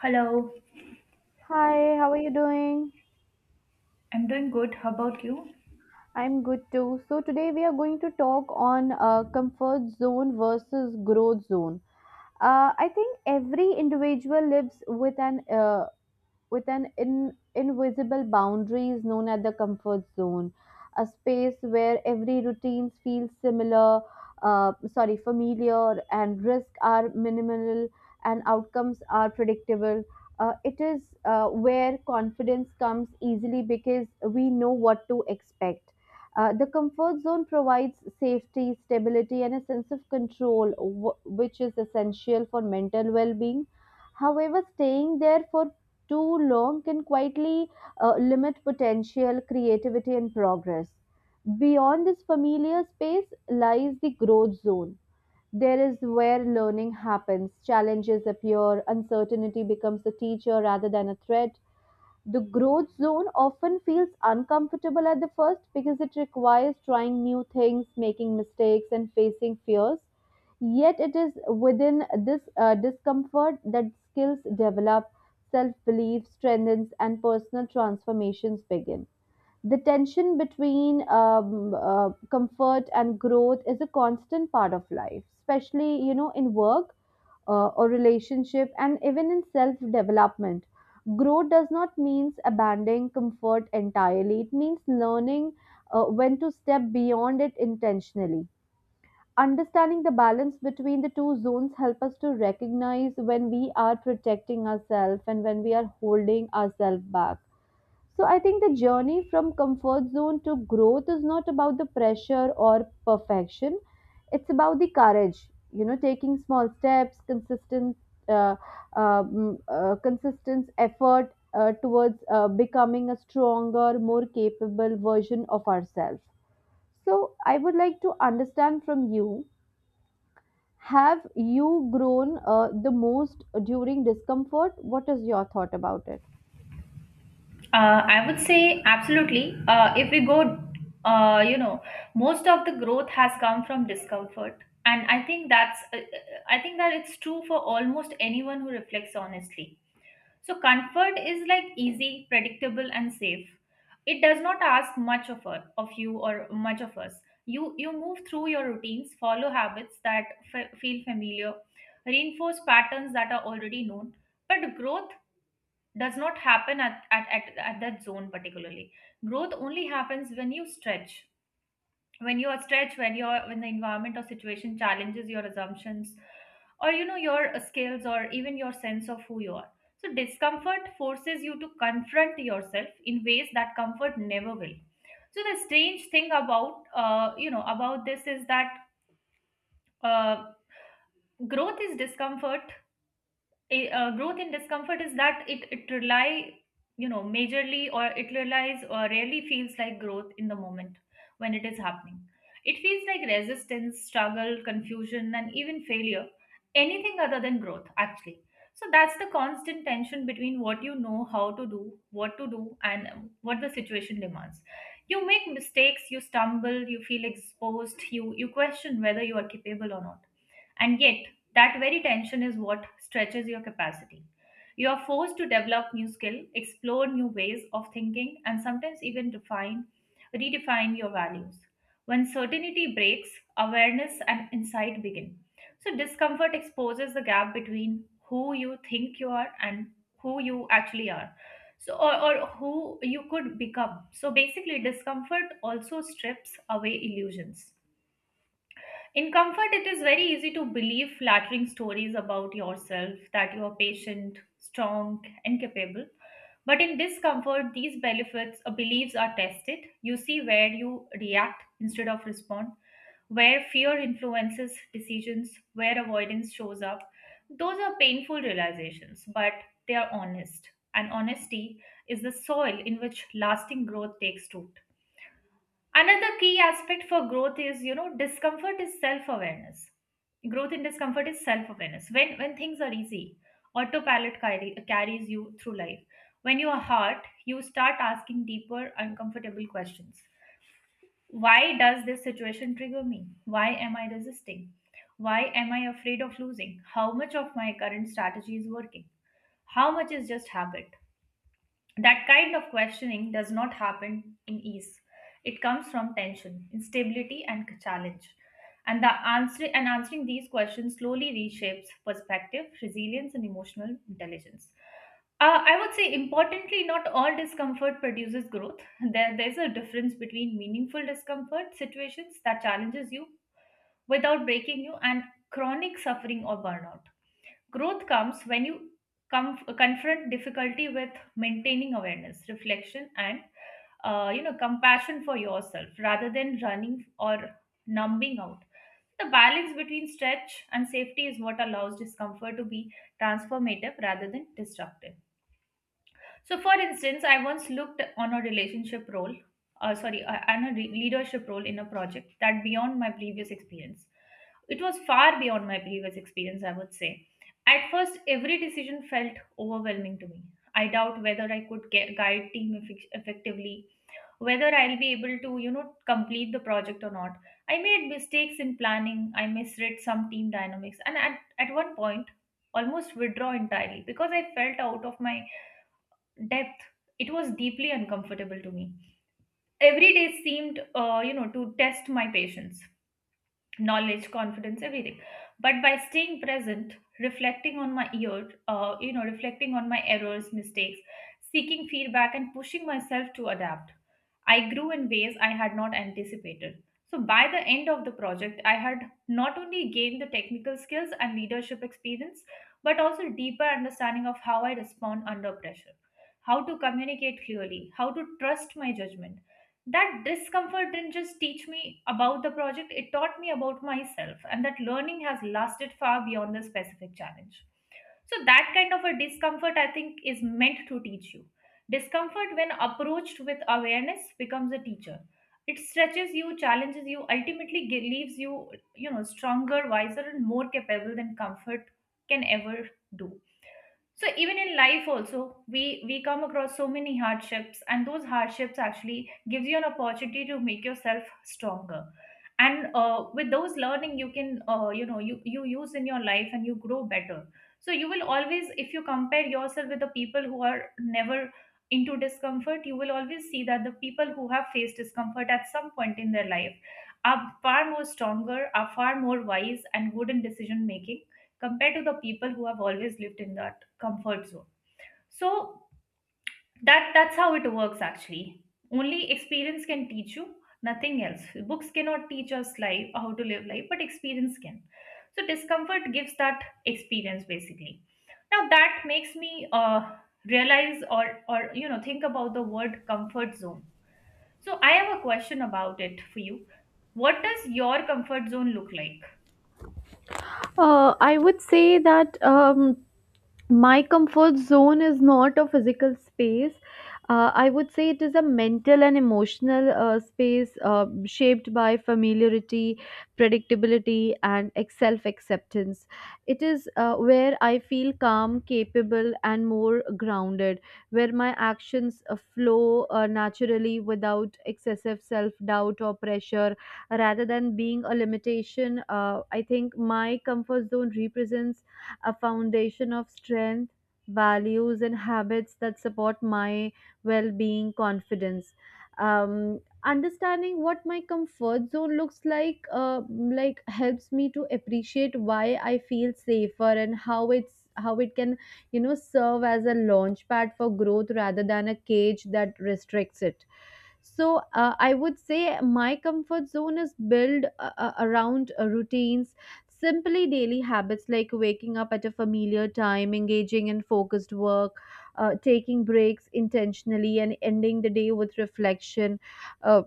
Hello. Hi, how are you doing? I'm doing good. How about you? I'm good too. So today we are going to talk on comfort zone versus growth zone. I think every individual lives with an in, invisible boundaries known as the comfort zone, a space where every routine feels familiar, and risks are minimal and outcomes are predictable. It is where confidence comes easily because we know what to expect. The comfort zone provides safety, stability, and a sense of control, which is essential for mental well being. However, staying there for too long can quietly limit potential, creativity, and progress. Beyond this familiar space lies the growth zone. There is where learning happens, challenges appear, uncertainty becomes a teacher rather than a threat. The growth zone often feels uncomfortable at the first because it requires trying new things, making mistakes, and facing fears. Yet, it is within this discomfort that skills develop, self belief strengthens, and personal transformations begin. The tension between comfort and growth is a constant part of life, especially in work or relationship, and even in self development. Growth does not mean abandoning comfort entirely. It means learning when to step beyond it intentionally. Understanding the balance between the two zones help us to recognize when we are protecting ourselves and when we are holding ourselves back. So I think the journey from comfort zone to growth is not about the pressure or perfection. It's about the courage, you know, taking small steps, uh, consistent effort towards becoming a stronger, more capable version of ourselves. So I would like to understand from you: have you grown the most during discomfort? What is your thought about it? I would say absolutely. If we go, you know, Most of the growth has come from discomfort, and I think I think that it's true for almost anyone who reflects honestly. So comfort is like easy, predictable, and safe. It does not ask much of us, of you or much of us. You move through your routines, follow habits that feel familiar, reinforce patterns that are already known. But growth does not happen at that zone particularly, growth only happens when you stretch when you are stretched when you're when the environment or situation challenges your assumptions, or you know your skills or even your sense of who you are. So discomfort forces you to confront yourself in ways that comfort never will. So the strange thing about you know about this is that uh, growth is discomfort growth in discomfort is that it rely you know majorly or it relies or rarely feels like growth in the moment. When it is happening, it feels like resistance, struggle, confusion, and even failure, anything other than growth actually. So that's the constant tension between what you know how to do, what to do, and what the situation demands. You make mistakes, you stumble, you feel exposed, you question whether you are capable or not. And yet, that very tension is what stretches your capacity. You are forced to develop new skill, explore new ways of thinking, and sometimes even redefine your values. When certainty breaks, awareness and insight begin. So discomfort exposes the gap between who you think you are and who you actually are. Or who you could become. So basically discomfort also strips away illusions. In comfort, it is very easy to believe flattering stories about yourself, that you are patient, strong, and capable. But in discomfort, these benefits or beliefs are tested. You see where you react instead of respond, where fear influences decisions, where avoidance shows up. Those are painful realizations, but they are honest. And honesty is the soil in which lasting growth takes root. Another key aspect for growth is, you know, discomfort is self awareness. Growth in discomfort is self awareness. When things are easy, carries you through life. When you are hurt, you start asking deeper, uncomfortable questions. Why does this situation trigger me? Why am I resisting? Why am I afraid of losing? How much of my current strategy is working? How much is just habit? That kind of questioning does not happen in ease. It comes from tension, instability, and challenge. And answering these questions slowly reshapes perspective, resilience, and emotional intelligence. I would say, importantly, not all discomfort produces growth. There's a difference between meaningful discomfort, situations that challenges you without breaking you, and chronic suffering or burnout. Growth comes when you confront difficulty with maintaining awareness, reflection, and you know, compassion for yourself rather than running or numbing out. The balance between stretch and safety is what allows discomfort to be transformative rather than destructive. So, for instance, I once looked on a relationship role, sorry, on a re- leadership role in a project that beyond my previous experience. It was far beyond my previous experience, I would say. At first, every decision felt overwhelming to me. I doubt whether guide team effectively, whether I'll be able to, you know, complete the project or not. I made mistakes in planning. I misread some team dynamics, and at one point, almost withdraw entirely because I felt out of my depth. It was deeply uncomfortable to me. Every day seemed to test my patience, knowledge, confidence, everything. But by staying present, reflecting on my errors, mistakes, seeking feedback, and pushing myself to adapt, I grew in ways I had not anticipated. So by the end of the project, I had not only gained the technical skills and leadership experience, but also deeper understanding of how I respond under pressure, how to communicate clearly, how to trust my judgment. That discomfort didn't just teach me about the project, it taught me about myself, and that learning has lasted far beyond the specific challenge. So, that kind of a discomfort, I think, is meant to teach you. Discomfort, when approached with awareness, becomes a teacher. It stretches you, challenges you, ultimately leaves you, you know, stronger, wiser, and more capable than comfort can ever do. So even in life also, we come across so many hardships, and those hardships actually gives you an opportunity to make yourself stronger. And with those learning, you can, you use in your life, and you grow better. So you will always, if you compare yourself with the people who are never into discomfort, you will always see that the people who have faced discomfort at some point in their life are far more stronger, are far more wise, and good in decision making, compared to the people who have always lived in the comfort zone. So that's how it works actually. Only experience can teach you, nothing else. Books cannot teach us life, how to live life, but experience can. So discomfort gives that experience basically. Now that makes me realize or you know think about the word comfort zone. So I have a question about it for you. What does your comfort zone look like? I would say that my comfort zone is not a physical space. I would say it is a mental and emotional space shaped by familiarity, predictability, and self acceptance. It is where I feel calm, capable, and more grounded, where my actions flow naturally without excessive self doubt or pressure rather than being a limitation. I think my comfort zone represents a foundation of strength, values, and habits that support my well being, confidence. Understanding what my comfort zone looks like helps me to appreciate why I feel safer and how it can, you know, serve as a launch pad for growth rather than a cage that restricts it. So I would say my comfort zone is built around routines, simply daily habits like waking up at a familiar time, engaging in focused work, taking breaks intentionally, and ending the day with reflection, uh,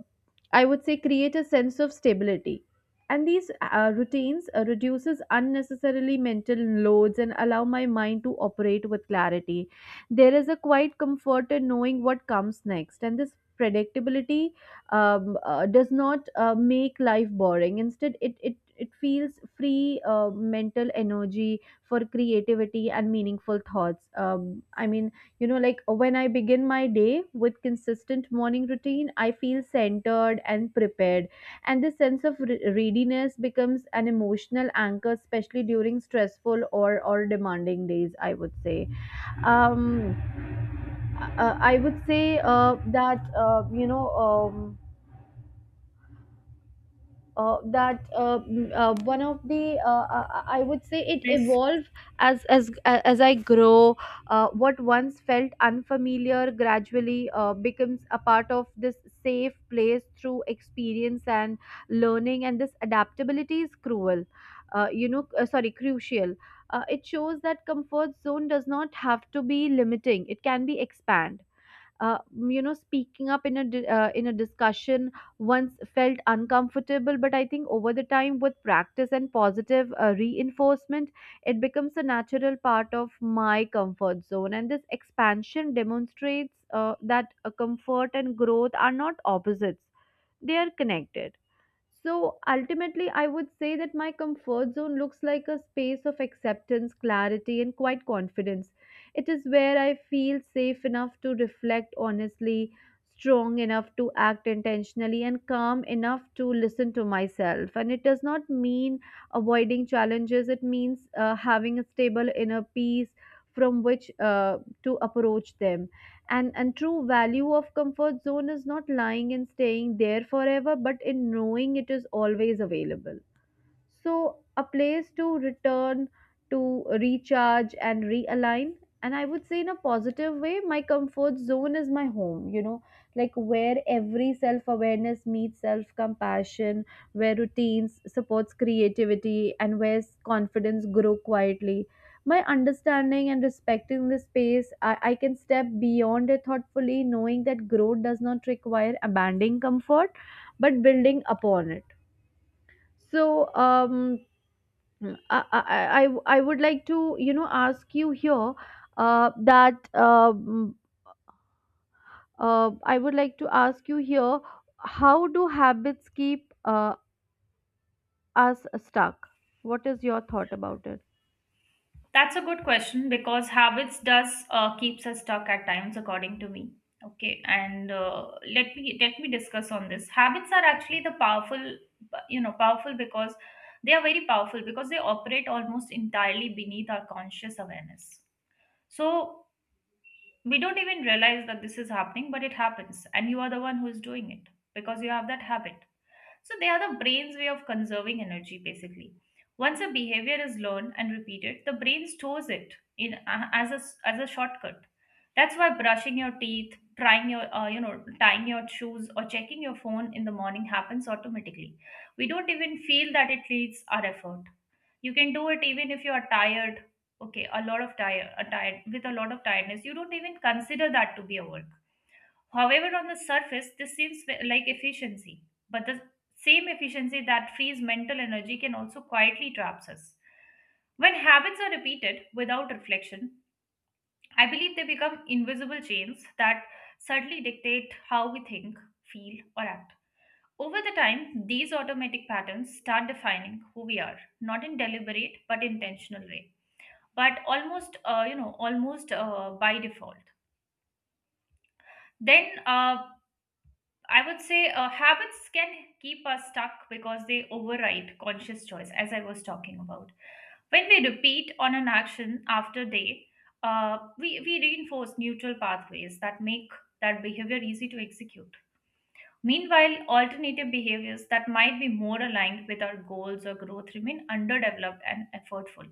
I would say, create a sense of stability. And these routines reduces unnecessarily mental loads and allow my mind to operate with clarity. There is a quiet comfort in knowing what comes next, and this predictability, does not make life boring. Instead, it feels free mental energy for creativity and meaningful thoughts. I mean, you know, like when I begin my day with consistent morning routine, I feel centered and prepared, and this sense of readiness becomes an emotional anchor, especially during stressful or demanding days, I would say. um I would say that you know that mm, one of the I would say it This. evolved as I grow. What once felt unfamiliar gradually becomes a part of this safe place through experience and learning, and this adaptability is cruel. You know, sorry, crucial. It shows that comfort zone does not have to be limiting; it can be expand, uh, you know, speaking up in a discussion once felt uncomfortable, but I think over the time with practice and positive reinforcement, it becomes a natural part of my comfort zone, and this expansion demonstrates that comfort and growth are not opposites, they are connected. So ultimately, I would say that my comfort zone looks like a space of acceptance, clarity, and quite confidence. It is where I feel safe enough to reflect honestly, strong enough to act intentionally, and calm enough to listen to myself. And it does not mean avoiding challenges, it means having a stable inner peace from which to approach them. And true value of comfort zone is not lying and staying there forever, but in knowing it is always available, so a place to return, to recharge and realign. And I would say, in a positive way, my comfort zone is my home, you know, like where every self awareness meets self compassion, where routines supports creativity, and where confidence grow quietly. By understanding and respecting this space, I can step beyond it thoughtfully, knowing that growth does not require abandoning comfort but building upon it. So, would like to, you know, ask you here uh, that uh, mm, I would like to ask you here, how do habits keep us stuck? What is your thought about it? That's a good question because habits does keeps us stuck at times, according to me. Okay, and let me discuss on this. Habits are actually the powerful, you know, powerful because they are very powerful because they operate almost entirely beneath our conscious awareness. So we don't even realize that this is happening, but it happens, and you are the one who is doing it because you have that habit. So they are the brain's way of conserving energy, basically. Once a behavior is learned and repeated, the brain stores it in, as a shortcut. That's why brushing your teeth, trying your you know tying your shoes, or checking your phone in the morning happens automatically. We don't even feel that it needs our effort. You can do it even if you are tired. Okay, a lot of tired, a tired with a lot of tiredness. You don't even consider that to be a work. However, on the surface, this seems like efficiency, but the same efficiency that frees mental energy can also quietly traps us. When habits are repeated without reflection, I believe they become invisible chains that subtly dictate how we think, feel, or act. Over the time, these automatic patterns start defining who we are, not in deliberate but intentional way, but almost, you know, almost by default. Then I would say habits can keep us stuck because they override conscious choice, as I was talking about. When we repeat on an action after day, we reinforce neutral pathways that make that behavior easy to execute. Meanwhile, alternative behaviors that might be more aligned with our goals or growth remain underdeveloped and effortful.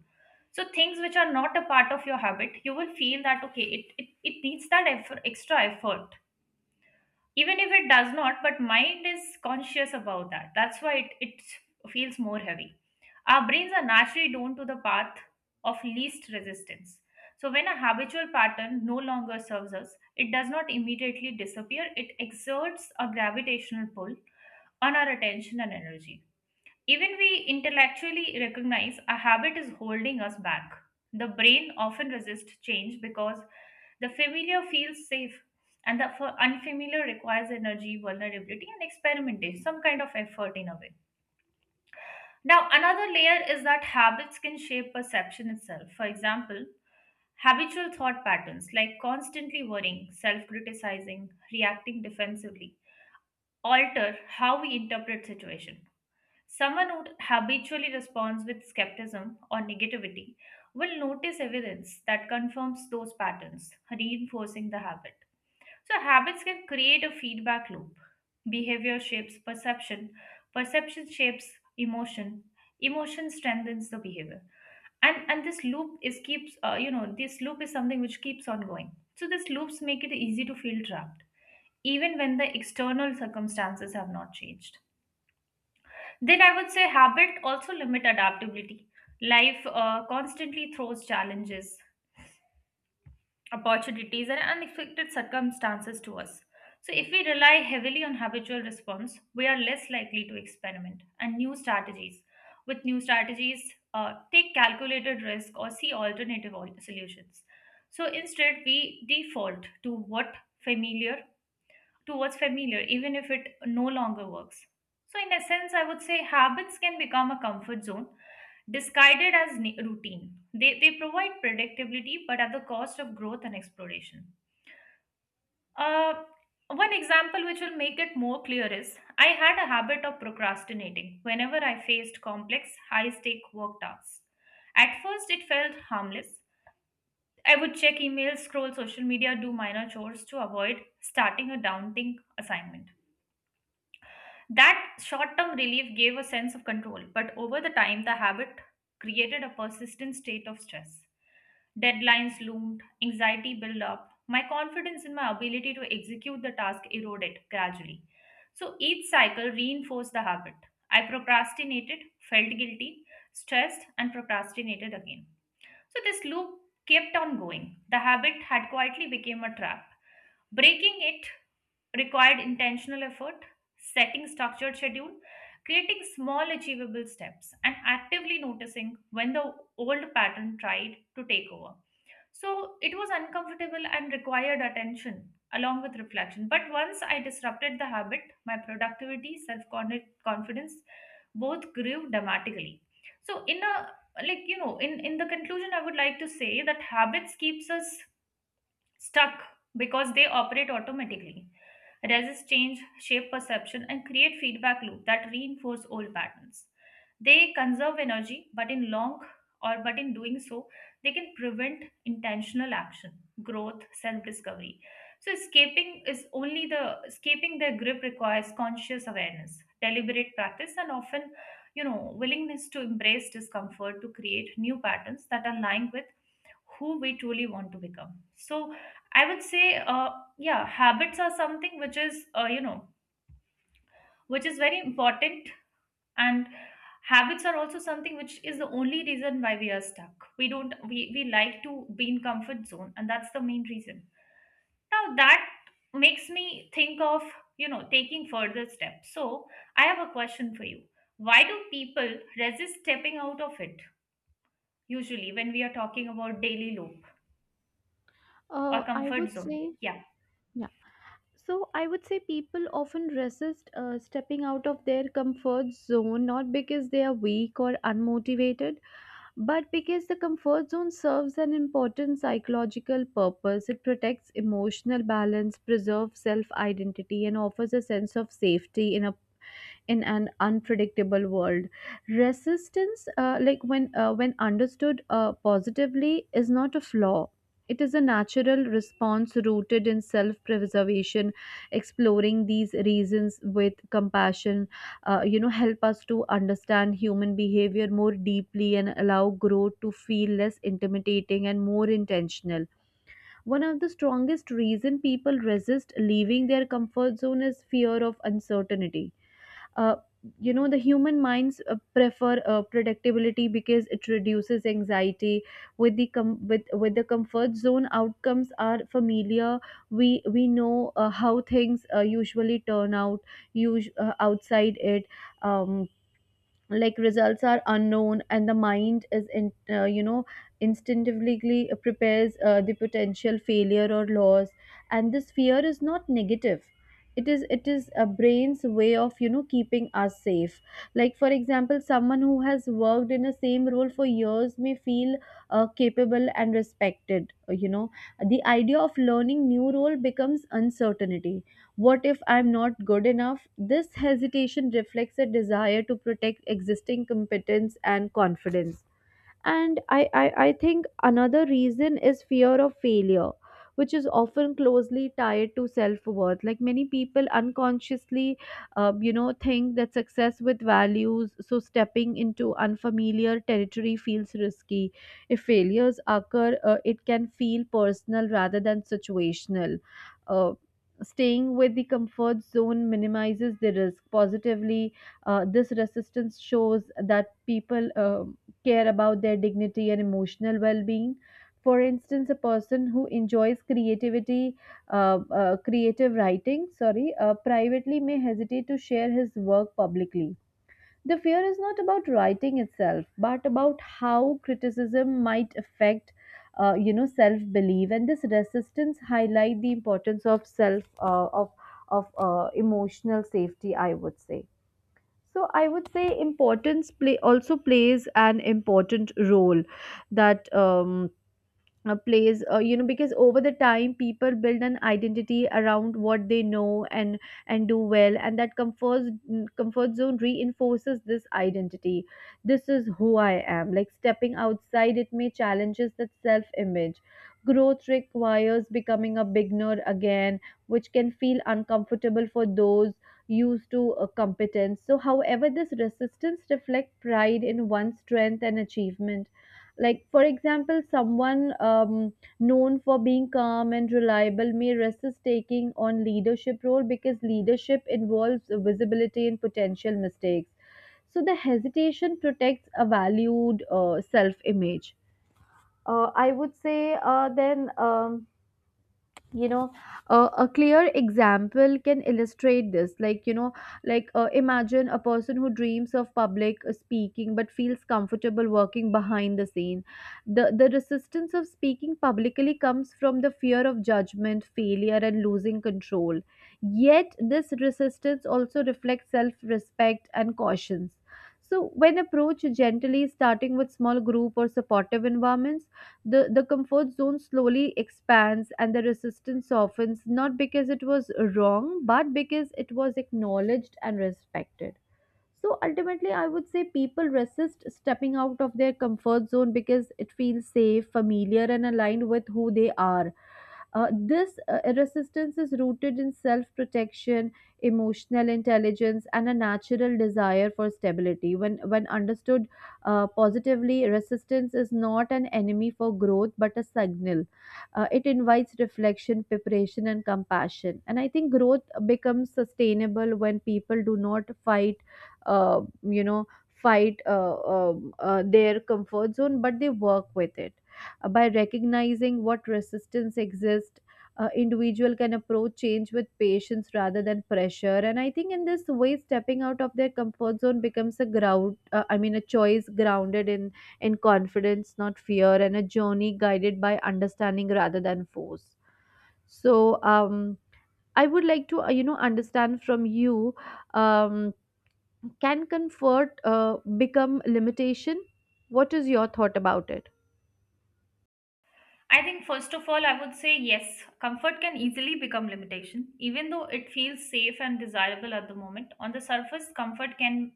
So, things which are not a part of your habit, you will feel that okay, it needs that effort, extra effort, even if it does not, but mind is conscious about that, that's why it feels more heavy. Our brains are naturally drawn to the path of least resistance. So when a habitual pattern no longer serves us, it does not immediately disappear, it exerts a gravitational pull on our attention and energy, even we intellectually recognize a habit is holding us back. The brain often resists change because the familiar feels safe, and the unfamiliar requires energy, vulnerability, and experimentation, some kind of effort in a way. Now, another layer is that habits can shape perception itself. For example, habitual thought patterns like constantly worrying, self criticizing, reacting defensively alter how we interpret situation. Someone who habitually responds with skepticism or negativity will notice evidence that confirms those patterns, reinforcing the habit. So, habits can create a feedback loop. Behavior shapes perception, perception shapes emotion, emotion strengthens the behavior. And this loop is keeps you know this loop is something which keeps on going. So these loops make it easy to feel trapped, even when the external circumstances have not changed. Then I would say habit also limit adaptability. Life constantly throws challenges, opportunities, and unexpected circumstances to us. So if we rely heavily on habitual response, we are less likely to experiment and new strategies. With new strategies, take calculated risk or see solutions. So instead, we default to what familiar to what's familiar, even if it no longer works. So, in essence, I would say habits can become a comfort zone disguised as routine. They provide predictability but at the cost of growth and exploration. Uh, one example which will make it more clear is I had a habit of procrastinating whenever I faced complex, high stake work tasks. At first, it felt harmless. I would check emails, scroll social media, do minor chores to avoid starting a daunting assignment. That short term relief gave a sense of control, but over the time, the habit created a persistent state of stress. Deadlines loomed, anxiety built up, my confidence in my ability to execute the task eroded gradually. So each cycle reinforced the habit. I procrastinated, felt guilty, stressed, and procrastinated again. So this loop kept on going. The habit had quietly become a trap. Breaking it required intentional effort, setting structured schedule, creating small achievable steps, and actively noticing when the old pattern tried to take over. So it was uncomfortable and required attention along with reflection. But once I disrupted the habit, my productivity, self confidence both grew dramatically. So, in a in the conclusion, I would like to say that habits keeps us stuck because they operate automatically, resist change, shape perception, and create feedback loop that reinforce old patterns. They conserve energy, but in long or but in doing so, they can prevent intentional action, growth, self discovery. So escaping their grip requires conscious awareness, deliberate practice, and often willingness to embrace discomfort to create new patterns that align with who we truly want to become. So I would say yeah, habits are something which is which is very important, and habits are also something which is the only reason why we are stuck. We don't we, we like to be in comfort zone, and that's the main reason. Now that makes me think of taking further steps. So I have a question for you. Why do people resist stepping out of it, usually when we are talking about daily loop or I comfort would zone? say. Yeah, Yeah. So, I would say people often resist stepping out of their comfort zone not because they are weak or unmotivated, but because the comfort zone serves an important psychological purpose. It protects emotional balance, preserves self identity, and offers a sense of safety in a in an unpredictable world. Resistance, when understood positively, is not a flaw, it is a natural response rooted in self preservation. Exploring these reasons with compassion, you know, help us to understand human behavior more deeply and allow growth to feel less intimidating and more intentional. One of the strongest reason people resist leaving their comfort zone is fear of uncertainty. uh, you know, the human minds prefer predictability because it reduces anxiety. With the with the comfort zone, outcomes are familiar. We know how things usually turn out. Outside it, um, like, results are unknown, and the mind you know, instinctively prepares the potential failure or loss. And this fear is not negative, it is a brain's way of, you know, keeping us safe. Like for example, someone who has worked in the same role for years may feel capable and respected, you know. The idea of learning new role becomes uncertainty. What if I'm not good enough? This hesitation reflects a desire to protect existing competence and confidence. And I think another reason is fear of failure, which is often closely tied to self worth. Like many people unconsciously, you know, think that success with values, so stepping into unfamiliar territory feels risky. If failures occur, it can feel personal rather than situational. Uh, staying with the comfort zone minimizes the risk positively. This resistance shows that people care about their dignity and emotional well-being. For instance, a person who enjoys creativity creative writing, sorry privately may hesitate to share his work publicly. The fear is not about writing itself but about how criticism might affect, you know, self belief. And this resistance highlight the importance of self uh, of of emotional safety, I would say. So I would say importance play also plays an important role, that plays you know, because over the time people build an identity around what they know and do well, and that comfort zone reinforces this identity. This is who I am. Like stepping outside it may challenges that self image. Growth requires becoming a beginner again, which can feel uncomfortable for those used to competence. So, however, this resistance reflects pride in one's strength and achievement. Like for example, someone known for being calm and reliable may resist taking on leadership role because leadership involves visibility and potential mistakes. So the hesitation protects a valued self image. I would say then you know, a clear example can illustrate this, like you know, imagine a person who dreams of public speaking but feels comfortable working behind the scene. The resistance of speaking publicly comes from the fear of judgment, failure, and losing control. Yet this resistance also reflects self respect and cautions. So when approached gently, starting with small group or supportive environments, the comfort zone slowly expands and the resistance softens, not because it was wrong but because it was acknowledged and respected. So ultimately, I would say people resist stepping out of their comfort zone because it feels safe, familiar, and aligned with who they are. This resistance is rooted in self protection, emotional intelligence, and a natural desire for stability. When understood positively, resistance is not an enemy for growth but a signal. It invites reflection, preparation, and compassion. And I think growth becomes sustainable when people do not fight you know fight their comfort zone but they work with it. By recognizing what resistance exists, individual can approach change with patience rather than pressure. And I think in this way, stepping out of their comfort zone becomes a ground I mean a choice grounded in confidence not fear, and a journey guided by understanding rather than force. So, um I would like to, you know, understand from you, um can comfort become limitation? What is your thought about it? I think first of all, I would say yes, comfort can easily become limitation, even though it feels safe and desirable at the moment. On the surface, comfort can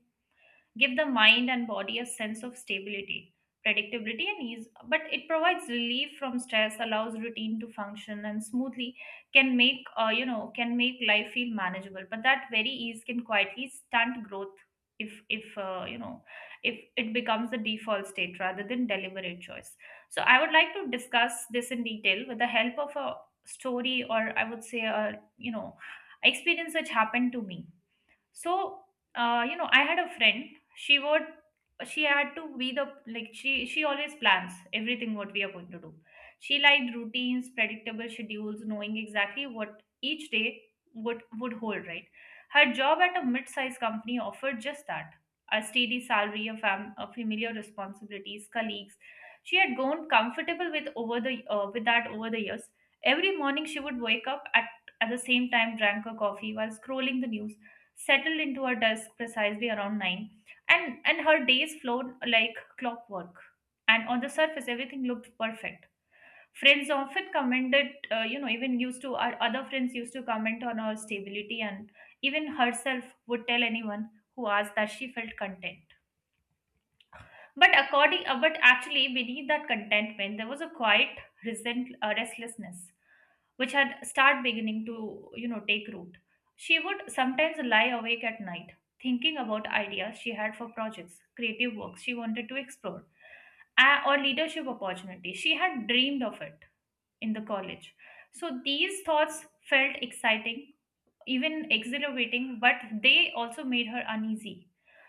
give the mind and body a sense of stability, predictability, and ease. But it provides relief from stress, allows routine to function and smoothly, can make can make life feel manageable. But that very ease can quietly stunt growth if you know if it becomes the default state rather than deliberate choice. So I would like to discuss this in detail with the help of a story, or I would say a experience which happened to me. So I had a friend. She would she had to be the like she always plans everything what we are going to do. She liked routines, predictable schedules, knowing exactly what each day would hold, right? Her job at a mid-sized company offered just that: a steady salary, a, a familiar responsibilities, colleagues she had grown comfortable with over the with that over the years. Every morning she would wake up at the same time, drank her coffee while scrolling the news, settled into her desk precisely around 9, and her days flowed like clockwork. And on the surface everything looked perfect. Friends often commented, even used to our other friends used to comment on her stability, and even herself would tell anyone who asked that she felt content. But actually, beneath that contentment, there was a quiet restlessness, which had start beginning to take root. She would sometimes lie awake at night, thinking about ideas she had for projects, creative works she wanted to explore, or leadership opportunities she had dreamed of it in the college. So these thoughts felt exciting, even exhilarating, but they also made her uneasy.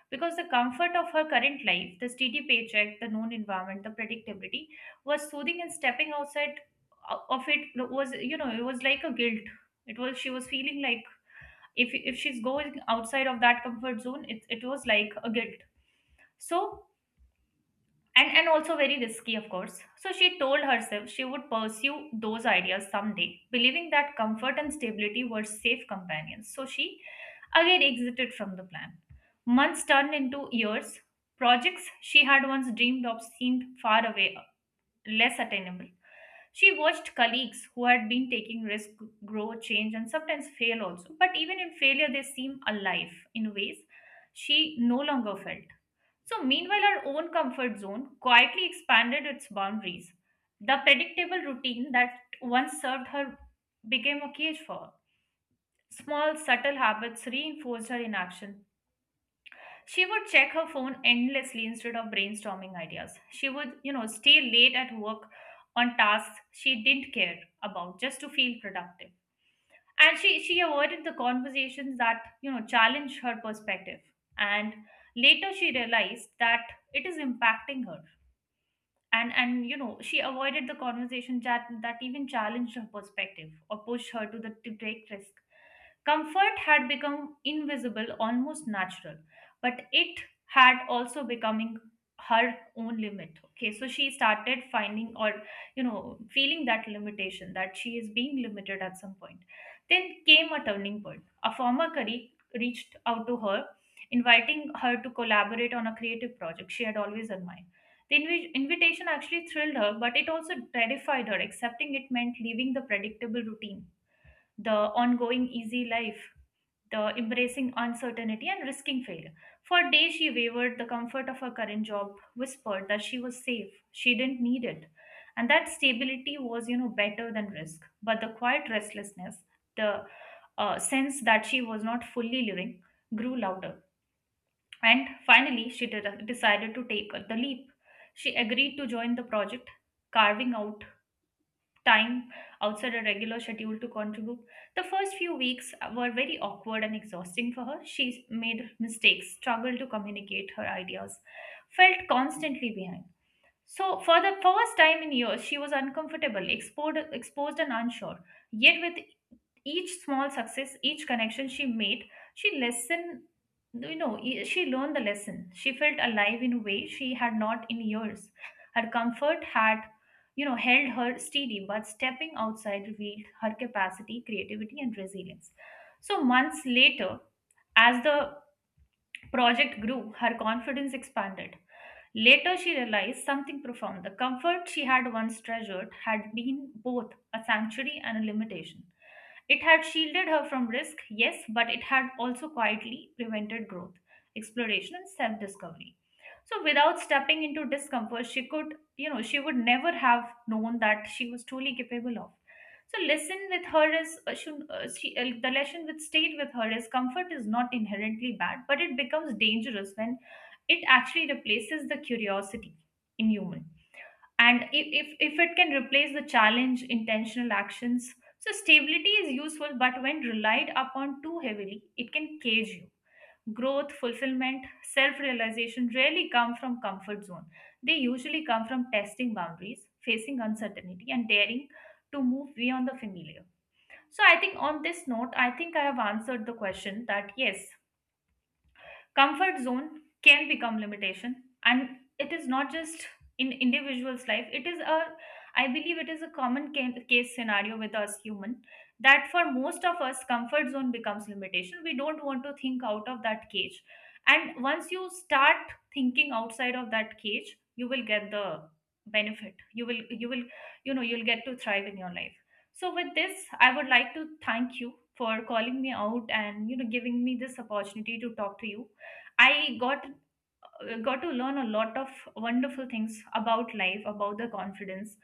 Because the comfort of her current life, the steady paycheck, the known environment, the predictability was soothing, and stepping outside of it was, it was like a guilt. It was, she was feeling like if she's going outside of that comfort zone, it was like a guilt. So, and also very risky, of course. So she told herself she would pursue those ideas someday, believing that comfort and stability were safe companions. So she again exited from the plan. Months turned into years. Projects she had once dreamed of seemed far away, less attainable. She watched colleagues who had been taking risk grow, change, and sometimes fail also. But even in failure, they seem alive in ways she no longer felt. So, meanwhile, her own comfort zone quietly expanded its boundaries. The predictable routine that once served her became a cage for her. Small, subtle habits reinforced her inaction. She would check her phone endlessly instead of brainstorming ideas. She would, stay late at work on tasks she didn't care about just to feel productive. And she avoided the conversations that, challenged her perspective. And later she realized that it is impacting her. And you know, she avoided the conversation that even challenged her perspective or pushed her to the to take risk. Comfort had become invisible, almost natural, but it had also becoming her own limit. Okay, so she started finding, or feeling that limitation, that she is being limited at some point. Then came a turning point. A former colleague reached out to her, inviting her to collaborate on a creative project she had always admired. The invitation actually thrilled her, but it also terrified her. Accepting it meant leaving the predictable routine, the ongoing easy life, the embracing uncertainty and risking failure. For days she wavered. The comfort of her current job whispered that she was safe. She didn't need it. And that stability was, better than risk. But the quiet restlessness, the sense that she was not fully living, grew louder. And finally, she decided to take the leap. She agreed to join the project, carving out time outside her regular schedule to contribute. The first few weeks were very awkward and exhausting for her. She made mistakes, struggled to communicate her ideas, felt constantly behind. So, for the first time in years, she was uncomfortable, exposed, exposed and unsure. Yet, with each small success, each connection she made, she lesson you know e- she learned the lesson. She felt alive in a way she had not in years. Her comfort had held her steady, but stepping outside revealed her capacity, creativity, and resilience. So months later, as the project grew, her confidence expanded. Later, she realized something profound. The comfort she had once treasured had been both a sanctuary and a limitation. It had shielded her from risk, yes, but it had also quietly prevented growth, exploration, and self discovery. So, without stepping into discomfort, she could, she would never have known that she was truly capable of. So lesson with her is the lesson with stayed with her is comfort is not inherently bad, but it becomes dangerous when it actually replaces the curiosity in human. And if it can replace the challenge, intentional actions. So stability is useful, but when relied upon too heavily, it can cage you. Growth, fulfillment, self realization rarely come from comfort zone. They usually come from testing boundaries, facing uncertainty, and daring to move beyond the familiar. So I think on this note, I think I have answered the question that yes, comfort zone can become limitation, and it is not just in individuals life. It is a, I believe it is a common case scenario with us human, that for most of us comfort zone becomes limitation. We don't want to think out of that cage, and once you start thinking outside of that cage, you will get the benefit. You will you'll get to thrive in your life. So with this, I would like to thank you for calling me out and giving me this opportunity to talk to you. I got to learn a lot of wonderful things about life, about the confidence,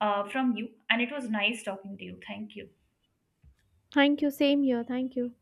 from you, and it was nice talking to you. Thank you. Thank you. Same here. Thank you.